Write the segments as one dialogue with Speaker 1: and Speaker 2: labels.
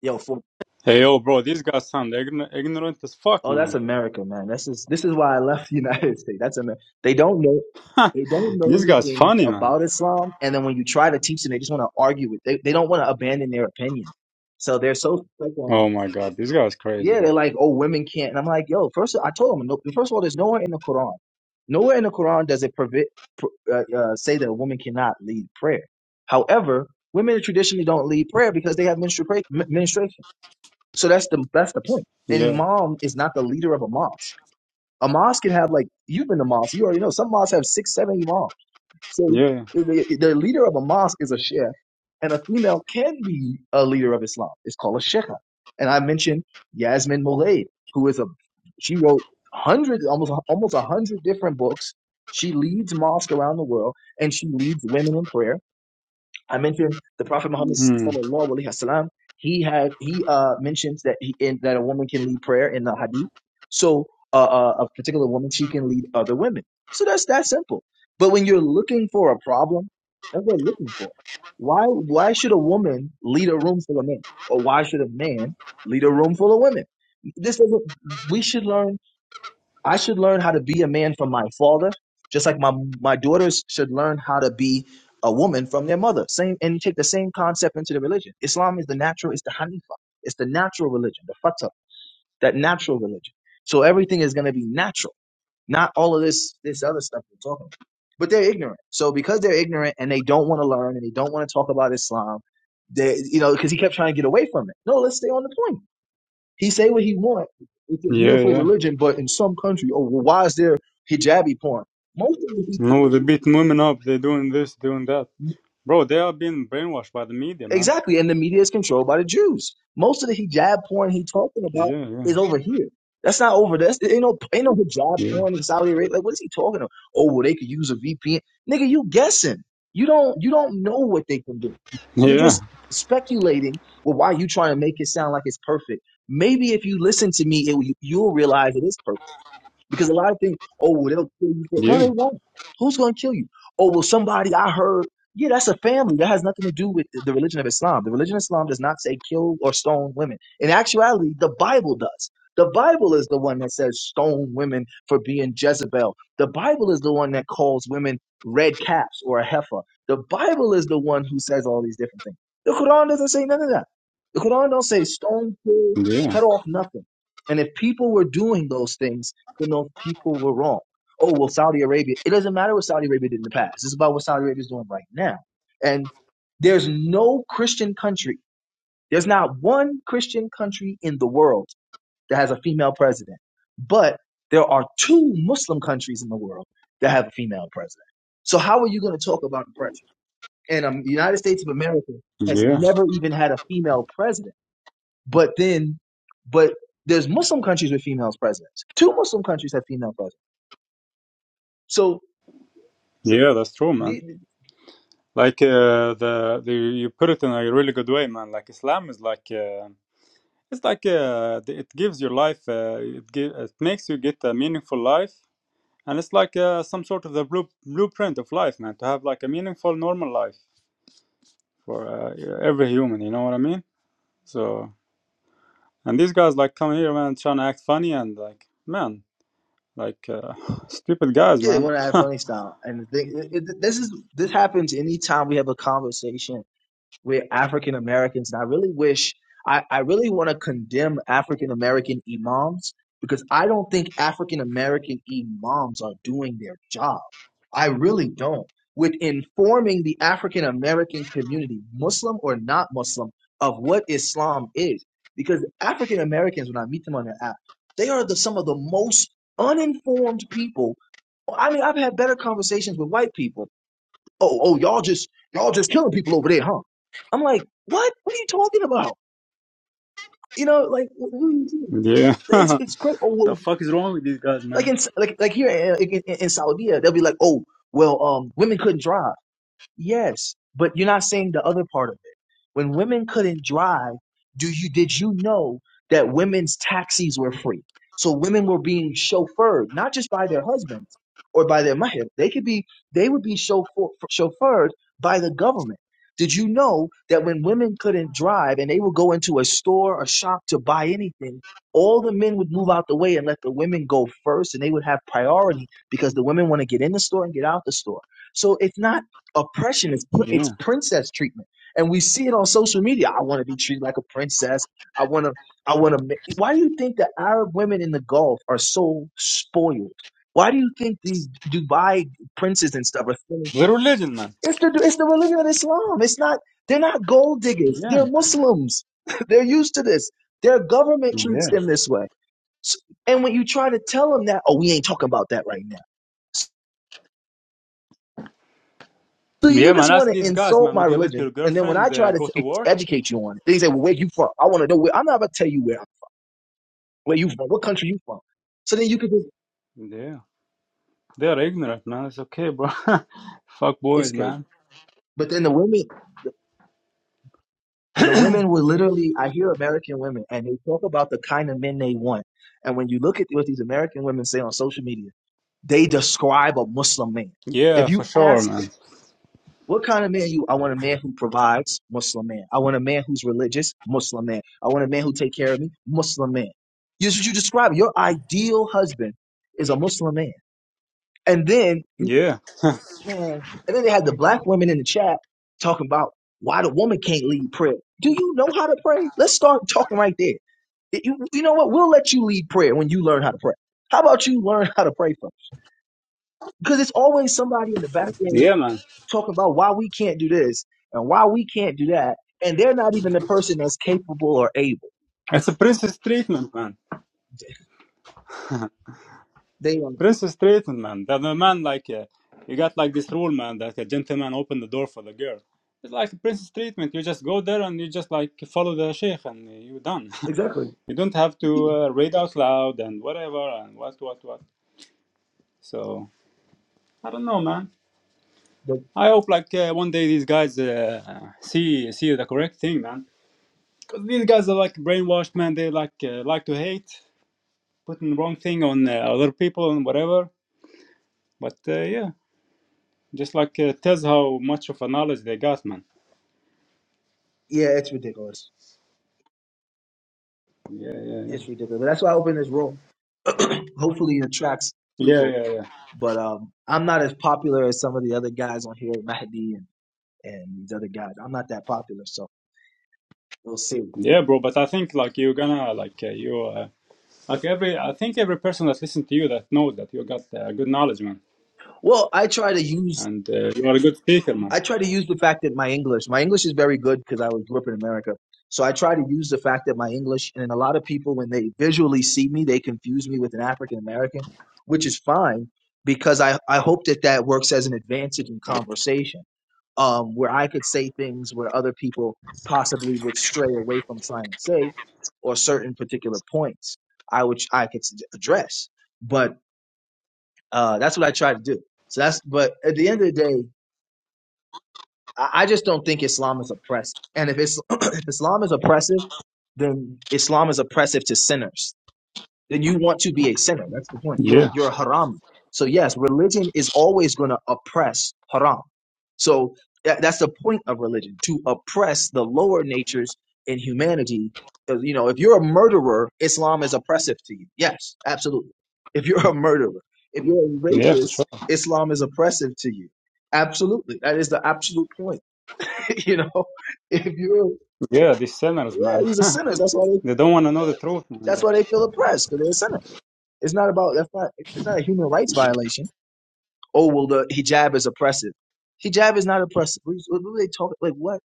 Speaker 1: Yo, for
Speaker 2: Hey, yo, bro, these guys sound ign- ignorant as fuck,
Speaker 1: oh, that's
Speaker 2: man.
Speaker 1: America, man. This is this is why I left the United States. That's Amer- They don't know they don't know
Speaker 2: This guy's
Speaker 1: anything
Speaker 2: funny, man.
Speaker 1: about Islam, and then when you try to teach them, they just want to argue with. They they don't want to abandon their opinion, so they're so stuck on.
Speaker 2: Oh my god, this guy's crazy,
Speaker 1: Yeah, they're
Speaker 2: man.
Speaker 1: like, oh, women can't. And I'm like, yo, first I told them, no, first of all, there's nowhere in the Quran, nowhere in the Quran does it prevent pr- uh, uh, say that a woman cannot lead prayer. However, women traditionally don't lead prayer because they have menstruation. So that's the that's the point. An
Speaker 2: Yeah,
Speaker 1: imam is not the leader of a mosque. A mosque can have like you've been to mosque. You already know some mosques have six, seven imams. So
Speaker 2: yeah,
Speaker 1: the, the leader of a mosque is a sheikh, and a female can be a leader of Islam. It's called a sheikha. And I mentioned Yasmin Mulaid, who is a she wrote hundreds, almost almost a hundred different books. She leads mosque around the world, and she leads women in prayer I mentioned the Prophet Muhammad
Speaker 2: hmm,
Speaker 1: sallallahu alaihi wasallam. He had he uh mentions that he in, that a woman can lead prayer in the hadith. So uh, uh, a particular woman she can lead other women. So that's that simple. But when you're looking for a problem, that's what we're looking for. Why why should a woman lead a room full of men, or why should a man lead a room full of women? This is what we should learn I should learn how to be a man from my father, just like my my daughters should learn how to be a woman from their mother. Same and you take the same concept into the religion. Islam is the natural, it's the Hanifa, it's the natural religion, the fatah, that natural religion. So everything is gonna be natural, not all of this this other stuff we're talking about. But they're ignorant. So because they're ignorant and they don't want to learn and they don't want to talk about Islam, they you know, because he kept trying to get away from it. No, let's stay on the point he say what he want. It's a
Speaker 2: yeah,
Speaker 1: beautiful
Speaker 2: yeah.
Speaker 1: religion, but in some country, oh, well, why is there hijabi porn? Most of it,
Speaker 2: No, they beat women up. They're doing this, doing that, bro. They are being brainwashed by the media, man.
Speaker 1: exactly, and the media is controlled by the Jews. Most of the hijab porn he talking about
Speaker 2: Yeah, yeah,
Speaker 1: is over here. That's not over. there. That's ain't no ain't no hijab
Speaker 2: yeah,
Speaker 1: porn in Saudi Arabia. Like, what is he talking about? Oh, well, they could use a VPN, nigga. You guessing? You don't you don't know what they can do. You're
Speaker 2: yeah,
Speaker 1: just speculating. Well, why you trying to make it sound like it's perfect? Maybe if you listen to me, it, you'll realize it is perfect. Because a lot of things, oh, well, they'll kill you. No,
Speaker 2: yeah,
Speaker 1: they won't. Who's going to kill you? Oh, well, somebody I heard. Yeah, that's a family. That has nothing to do with the the religion of Islam. The religion of Islam does not say kill or stone women. In actuality, the Bible does. The Bible is the one that says stone women for being Jezebel. The Bible is the one that calls women red caps or a heifer. The Bible is the one who says all these different things. The Quran doesn't say none of that. The Quran don't say stone, kill,
Speaker 2: yeah, yeah.
Speaker 1: cut off nothing. And if people were doing those things, you know, people were wrong. Oh, well, Saudi Arabia, it doesn't matter what Saudi Arabia did in the past. It's about what Saudi Arabia is doing right now. And there's no Christian country, there's not one Christian country in the world that has a female president. But there are two Muslim countries in the world that have a female president. So how are you going to talk about oppression? And um, the United States of America has never even had a female president. But then, but there's Muslim countries with females presidents. Two Muslim countries have female presidents. So
Speaker 2: Yeah, That's true, man.
Speaker 1: The- the-
Speaker 2: Like uh, the, the you put it in a really good way, man. Like Islam is like uh, it's like uh, it gives your life. Uh, it gi- it makes you get a meaningful life and it's like uh, some sort of the blue, blueprint of life man to have like a meaningful normal life for uh, every human you know what i mean so and these guys like come here man trying to act funny and like man like uh, stupid guys
Speaker 1: Yeah, they
Speaker 2: man
Speaker 1: want to add funny style, and the thing, it, it- this is this happens anytime we have a conversation we're African Americans, and I really wish I, I really want to condemn African American imams because I don't think African American imams are doing their job. I really don't. With informing the African American community, Muslim or not Muslim, of what Islam is. Because African Americans, when I meet them on the app, they are the, some of the most uninformed people. I mean, I've had better conversations with white people oh, oh, y'all just y'all just killing people over there, huh? I'm like, what? What are you talking about? You know, like what what are you doing?
Speaker 2: yeah
Speaker 1: It's it's crazy. Oh,
Speaker 2: the
Speaker 1: well,
Speaker 2: fuck is wrong with these guys
Speaker 1: like
Speaker 2: man
Speaker 1: in like like here in, in, in Saudi, they'll be like, oh, well, um, women couldn't drive. Yes, but you're not saying the other part of it. When women couldn't drive, do you did you know that women's taxis were free? So women were being chauffeured not just by their husbands or by their mahir. They could be they would be chauffeur, chauffeured by the government. Did you know that when women couldn't drive and they would go into a store or shop to buy anything, all the men would move out the way and let the women go first and they would have priority because the women want to get in the store and get out the store. So it's not oppression is pr- it's
Speaker 2: yeah
Speaker 1: princess treatment and we see it on social media i want to be treated like a princess i want to i want to why do you think the arab women in the gulf are so spoiled why do you think these dubai princes and stuff are feeling
Speaker 2: they're
Speaker 1: so
Speaker 2: religion man
Speaker 1: it's the it's the religion of islam it's not they're not gold diggers
Speaker 2: yeah
Speaker 1: they're muslims they're used to this their government treats
Speaker 2: yeah
Speaker 1: them this way S- and when you try to tell them that oh we ain't talking about that right now So you
Speaker 2: yeah
Speaker 1: just
Speaker 2: man
Speaker 1: want
Speaker 2: ask
Speaker 1: to
Speaker 2: these guys
Speaker 1: insult
Speaker 2: man
Speaker 1: my
Speaker 2: would you let
Speaker 1: religion,
Speaker 2: your
Speaker 1: and then when I
Speaker 2: girlfriend
Speaker 1: try
Speaker 2: uh,
Speaker 1: to
Speaker 2: go to
Speaker 1: t-
Speaker 2: work
Speaker 1: educate you on it, they say, "Well, where you from?" I want to know where. I'm not gonna tell you where. Where you from? What country you from? So then you could just.
Speaker 2: yeah they're ignorant man it's okay bro fuck
Speaker 1: It's
Speaker 2: boys
Speaker 1: crazy.
Speaker 2: man
Speaker 1: But then the women, the, the women will literally. I hear American women, and they talk about the kind of men they want. And when you look at what these American women say on social media, they describe a Muslim man.
Speaker 2: yeah
Speaker 1: If
Speaker 2: for
Speaker 1: you
Speaker 2: sure
Speaker 1: ask
Speaker 2: man
Speaker 1: them. What kind of man you? I want a man who provides, Muslim man. I want a man who's religious, Muslim man. I want a man who take care of me, Muslim man. This is what you describe. Your ideal husband is a Muslim man. And then you,
Speaker 2: yeah
Speaker 1: man, and then they had the black women in the chat talking about why the woman can't lead prayer. Do you know how to pray? Let's start talking right there. You, you know what? We'll let you lead prayer when you learn how to pray. How about you learn how to pray first? Because it's always somebody in the background.
Speaker 2: yeah man
Speaker 1: talking about why we can't do this and why we can't do that, and they're not even the person that's capable or able.
Speaker 2: It's a princess treatment, man.
Speaker 1: They um,
Speaker 2: Princess treatment, man. That the man like uh, you got like this rule, man, that a gentleman opened the door for the girl. It's like princess treatment. You just go there and you just like follow the sheikh and you're done.
Speaker 1: exactly.
Speaker 2: you don't have to uh, read out loud and whatever and what what what. So I don't know, man.
Speaker 1: But,
Speaker 2: I hope like uh, one day these guys uh, see see the correct thing, man. Because these guys are like brainwashed, man. They like uh, like to hate, putting wrong thing on uh, other people and whatever. But uh, yeah. Just like uh, tells how much of a knowledge they got, man.
Speaker 1: yeah, it's ridiculous.
Speaker 2: Yeah, yeah, yeah.
Speaker 1: It's ridiculous. That's why I opened this room. Hopefully, it attracts
Speaker 2: Yeah,
Speaker 1: people.
Speaker 2: yeah, yeah.
Speaker 1: But um, I'm not as popular as some of the other guys on here, Mahdi and, and these other guys. I'm not that popular, so we'll see.
Speaker 2: Yeah, bro. But I think like you're gonna like uh, you uh, like every. I think every person that listens to you that knows that you got uh, good knowledge, man,
Speaker 1: Well, I try to use
Speaker 2: and uh, you are a good speaker, man.
Speaker 1: I try to use the fact that my English, my English is very good because I was grew up in America. So I try to use the fact that my English, and a lot of people, when they visually see me, they confuse me with an African American, which is fine because I, I hope that that works as an advantage in conversation um, where I could say things where other people possibly would stray away from trying to say or certain particular points I would I could s- address. But uh, that's what I try to do. So that's but at the end of the day, I I just don't think Islam is oppressive. And if, it's, if Islam is oppressive, then Islam is oppressive to sinners. Then you want to be a sinner. That's the point. You're,
Speaker 2: Yeah,
Speaker 1: you're a haram. So, yes, religion is always going to oppress haram. So, that, that's the point of religion to oppress the lower natures in humanity. Uh, You know, if you're a murderer, Islam is oppressive to you. Yes, absolutely. If you're a murderer, if you're a
Speaker 2: yeah, for
Speaker 1: rapist,
Speaker 2: sure.
Speaker 1: Islam is oppressive to you. Absolutely. That is the absolute point. you know, if you're,
Speaker 2: Yeah, these sinners,
Speaker 1: yeah,
Speaker 2: man.
Speaker 1: these are sinners. That's why they,
Speaker 2: they don't want to know the truth, man.
Speaker 1: that's why
Speaker 2: But
Speaker 1: they feel oppressed because they're a sinner. It's not about that's not it's not a human rights violation. Oh well, the hijab is oppressive. Hijab is not oppressive. What, what were they talking like? What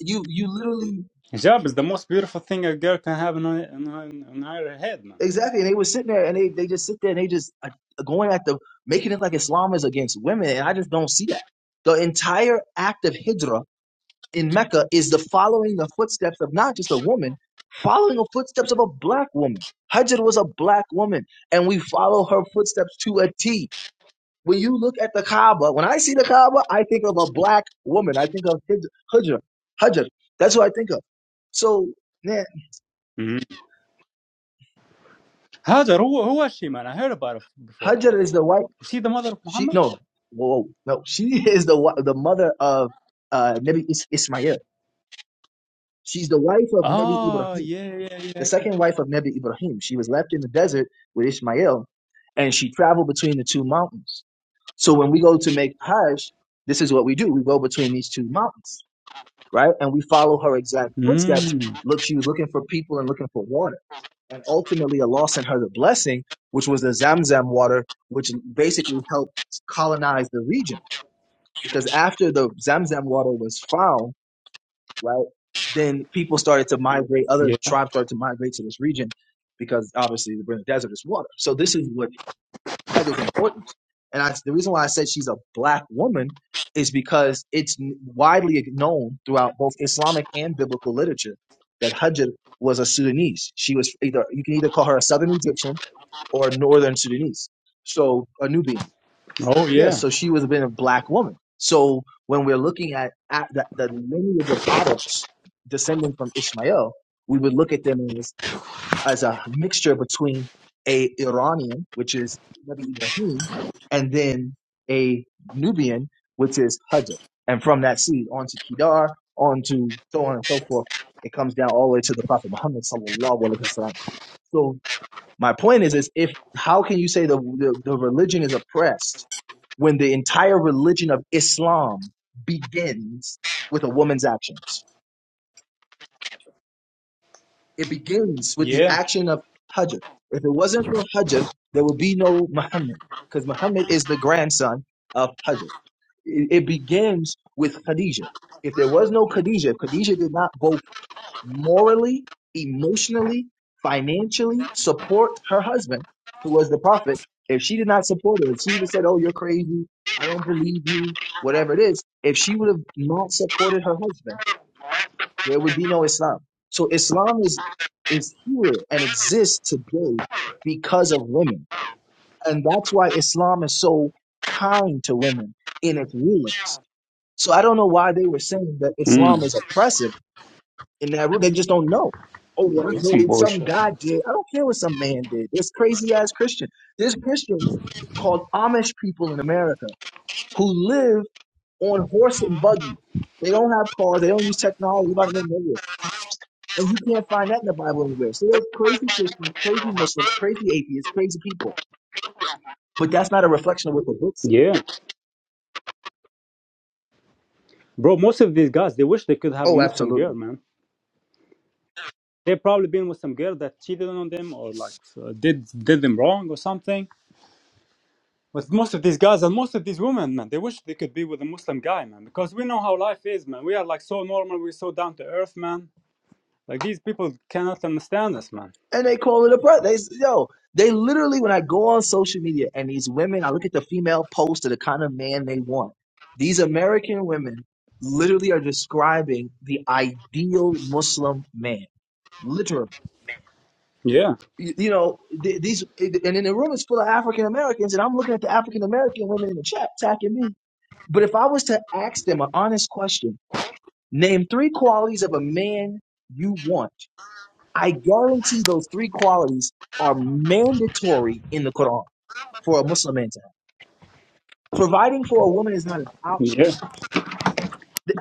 Speaker 1: you you literally
Speaker 2: hijab is the most beautiful thing a girl can have in, her- in, her- in her head, man.
Speaker 1: exactly? And they were sitting there and they they just sit there and they just uh, going at the making it like Islam is against women, and I just don't see that. The entire act of hijra in Mecca is the following the footsteps of not just a woman, following the footsteps of a black woman. Hajar was a black woman, and we follow her footsteps to a T. When you look at the Kaaba, when I see the Kaaba, I think of a black woman. I think of Hajar. Hajar. That's who I think of. So, man,
Speaker 2: Mm-hmm. Hajar, who, who was she, man? I heard about her before.
Speaker 1: Hajar is the white.
Speaker 2: Is she the mother of
Speaker 1: She
Speaker 2: Muhammad?
Speaker 1: no, whoa, no, she is the wa- the mother of uh, Nabi Is- Ismail. She's the wife of Nabi
Speaker 2: Oh,
Speaker 1: Ibrahim.
Speaker 2: yeah, yeah,
Speaker 1: the
Speaker 2: yeah.
Speaker 1: second wife of Nebi Ibrahim. She was left in the desert with Ishmael, and she traveled between the two mountains. So when we go to make Hajj, this is what we do. We go between these two mountains, right? And we follow her exact footsteps.
Speaker 2: Mm.
Speaker 1: Look, she was looking for people and looking for water. And ultimately, Allah sent her the blessing, which was the Zamzam water, which basically helped colonize the region. Because after the Zamzam water was found, right? Then people started to migrate, other
Speaker 2: Yeah.
Speaker 1: tribes started to migrate to this region because obviously we're in the desert is water. So this is what HUD is important. And I, the reason why I said she's a black woman is because it's widely known throughout both Islamic and biblical literature that Hajj was a Sudanese. She was either, you can either call her a Southern Egyptian or a Northern Sudanese. So a Nubian
Speaker 2: Oh yeah.
Speaker 1: Yes, so she was been a black woman. So when we're looking at, at the, the lineage of Adam's descending from Ishmael, we would look at them as as a mixture between a Iranian, which is Nabi Ibrahim, and then a Nubian, which is Hajar. And from that seed on to Kedar, on to so on and so forth, it comes down all the way to the Prophet Muhammad sallallahu alaihi wasallam. So my point is, is if how can you say the, the the religion is oppressed when the entire religion of Islam begins with a woman's actions? It begins with the
Speaker 2: Yeah.
Speaker 1: action of Hajar. If it wasn't for Hajar, there would be no Muhammad, because Muhammad is the grandson of Hajar. It, it begins with Khadijah. If there was no Khadijah, if Khadijah did not go morally, emotionally, financially support her husband, who was the prophet. If she did not support her, if she would have said, Oh, you're crazy, I don't believe you, whatever it is, if she would have not supported her husband, there would be no Islam. So Islam is is here and exists today because of women. And that's why Islam is so kind to women in its rulings. So I don't know why they were saying that
Speaker 2: Mm.
Speaker 1: Islam is oppressive in that root. They just don't know. Oh, well, I
Speaker 2: That's some
Speaker 1: heard some
Speaker 2: bullshit.
Speaker 1: guy did. I don't care what some man did. There's crazy ass Christian. There's Christians called Amish people in America who live on horse and buggy. They don't have cars. They don't use technology. You're not going nowhere. And you can't find that in the Bible anywhere. So there's crazy Christians, crazy Muslims, crazy atheists, crazy people. But that's not a reflection of what the book says.
Speaker 2: Yeah. Bro, most of these guys, they wish they could have a
Speaker 1: Oh,
Speaker 2: Muslim
Speaker 1: absolutely.
Speaker 2: girl, man. They probably been with some girl that cheated on them or like uh, did did them wrong or something. But most of these guys and most of these women, man, they wish they could be with a Muslim guy, man, because we know how life is, man. We are like so normal, we're so down to earth, man. Like these people cannot understand us, man.
Speaker 1: and they call it a breast. They s- yo, they literally when I go on social media and these women, I look at the female post of the kind of man they want. These American women literally are describing the ideal Muslim man, literally.
Speaker 2: Yeah.
Speaker 1: You, you know th- these, and then the room is full of African Americans, and I'm looking at the African American women in the chat attacking me. But if I was to ask them an honest question, name three qualities of a man you want I guarantee those three qualities are mandatory in the Quran for a Muslim man to have. Providing for a woman is not an option.
Speaker 2: Yeah.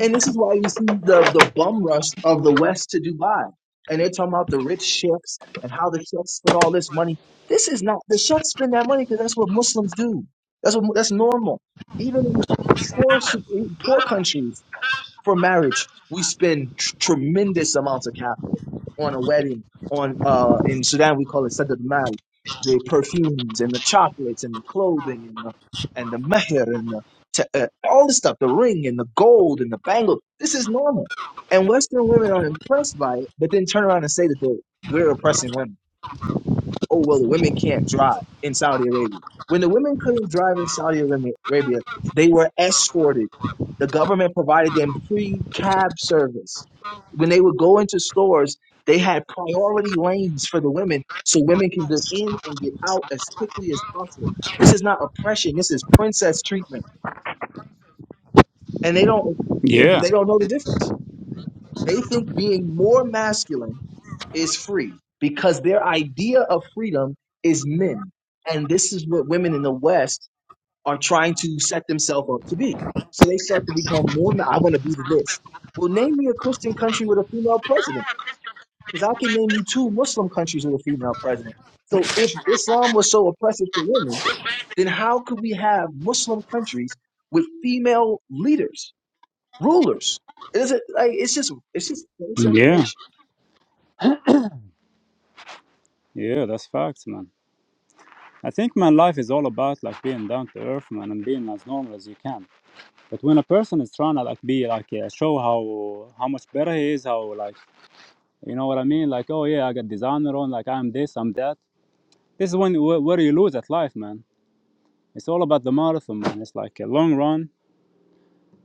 Speaker 1: And this is why you see the, the bum rush of the West to Dubai. And they're talking about the rich sheikhs and how the sheikhs spend all this money. This is not, the sheikhs spend that money because that's what Muslims do. That's what, that's normal. Even in poor, poor countries, for marriage we spend tr- tremendous amounts of capital on a wedding on uh in sudan we call it sadad mal the perfumes and the chocolates and the clothing and the and the meher and the t- uh, all the stuff the ring and the gold and the bangle this is normal and western women are impressed by it but then turn around and say that they we're oppressing women oh well women can't drive in saudi arabia when the women couldn't drive in saudi arabia they were escorted the government provided them free cab service when they would go into stores they had priority lanes for the women so women can get in and get out as quickly as possible this is not oppression this is princess treatment and they don't
Speaker 2: Yeah.
Speaker 1: they don't know the difference they think being more masculine is free because their idea of freedom is men. And this is what women in the West are trying to set themselves up to be. So they start to become more, ma- I want to be the this. Well, name me a Christian country with a female president because I can name you two Muslim countries with a female president. So if Islam was so oppressive to women, then how could we have Muslim countries with female leaders, rulers? It isn't like it's just it's just it's
Speaker 2: Yeah. Yeah, that's facts, man. I think man, life is all about like being down to earth, man, and being as normal as you can. But when a person is trying to like be like uh, show how how much better he is, how like you know what I mean, like oh yeah, I got designer on, like I'm this, I'm that. This is when where, where you lose at life, man. It's all about the marathon, man. It's like a long run.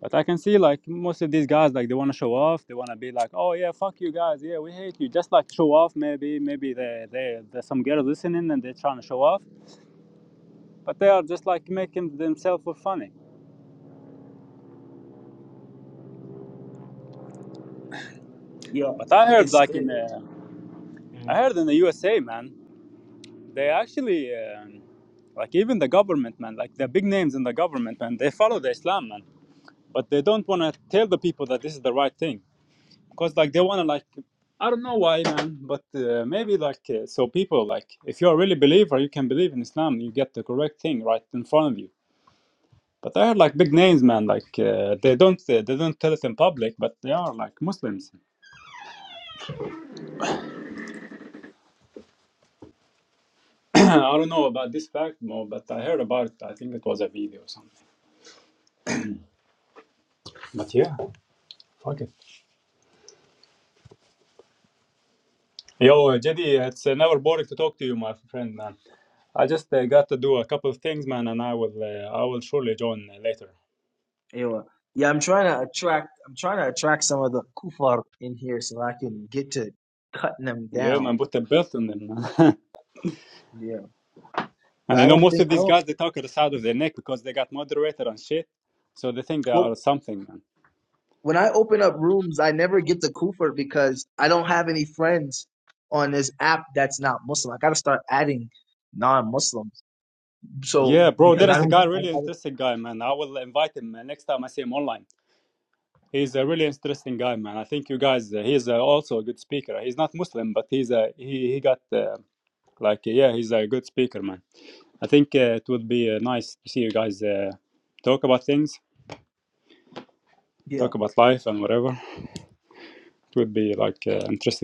Speaker 2: But I can see like most of these guys like they want to show off. They want to be like, oh yeah, fuck you guys, yeah, we hate you. Just like show off, maybe maybe they they there's some girls listening and they're trying to show off, but they are just like making themselves look funny
Speaker 1: Yeah,
Speaker 2: But I heard
Speaker 1: it's it,
Speaker 2: like in
Speaker 1: it-
Speaker 2: uh, I
Speaker 1: mhm,
Speaker 2: heard in the USA, man, they actually uh, like even the government, man, like the big names in the government, man, they follow the Islam, man, but they don't want to tell the people that this is the right thing, cause like they want to like I don't know why, man, but uh, maybe like uh, so people like if you're a really believer, you can believe in Islam, you get the correct thing right in front of you. But I heard like big names, man, like uh, they don't uh, they don't tell it in public, but they are like Muslims. I don't know about this fact more, but I heard about it. I think it was a video or something. But yeah, fuck it. Yo, Jedi, it's uh, never boring to talk to you, my friend, man. I just uh, got to do a couple of things, man, and I will, uh, I will surely join uh, later.
Speaker 1: yeah. Yeah, I'm trying to attract. I'm trying to attract some of the kufar in here so I can get to cutting them
Speaker 2: Yeah,
Speaker 1: down.
Speaker 2: man, put the belt on them, man.
Speaker 1: Yeah, but
Speaker 2: and
Speaker 1: I
Speaker 2: you know,
Speaker 1: don't
Speaker 2: most
Speaker 1: think
Speaker 2: of
Speaker 1: I
Speaker 2: these
Speaker 1: don't.
Speaker 2: guys, they talk at the side of their neck because they got moderator and shit, so they think they
Speaker 1: Well,
Speaker 2: are something, man.
Speaker 1: when I open up rooms, I never get the kufar because I don't have any friends on this app that's not Muslim. I got to start adding non-Muslims. So
Speaker 2: Yeah, bro,
Speaker 1: because
Speaker 2: there
Speaker 1: I
Speaker 2: is a
Speaker 1: don't,
Speaker 2: guy,
Speaker 1: I, I
Speaker 2: really
Speaker 1: don't-
Speaker 2: interesting guy, man. I will invite him uh, next time I see him online. He's a really interesting guy, man. I think you guys, uh, he's uh, also a good speaker. He's not Muslim, but he's a he. He got uh, like uh, yeah, he's a good speaker, man. I think uh, it would be uh, nice to see you guys uh, talk about things,
Speaker 1: yeah.
Speaker 2: talk about life and whatever. It would be like uh, interesting.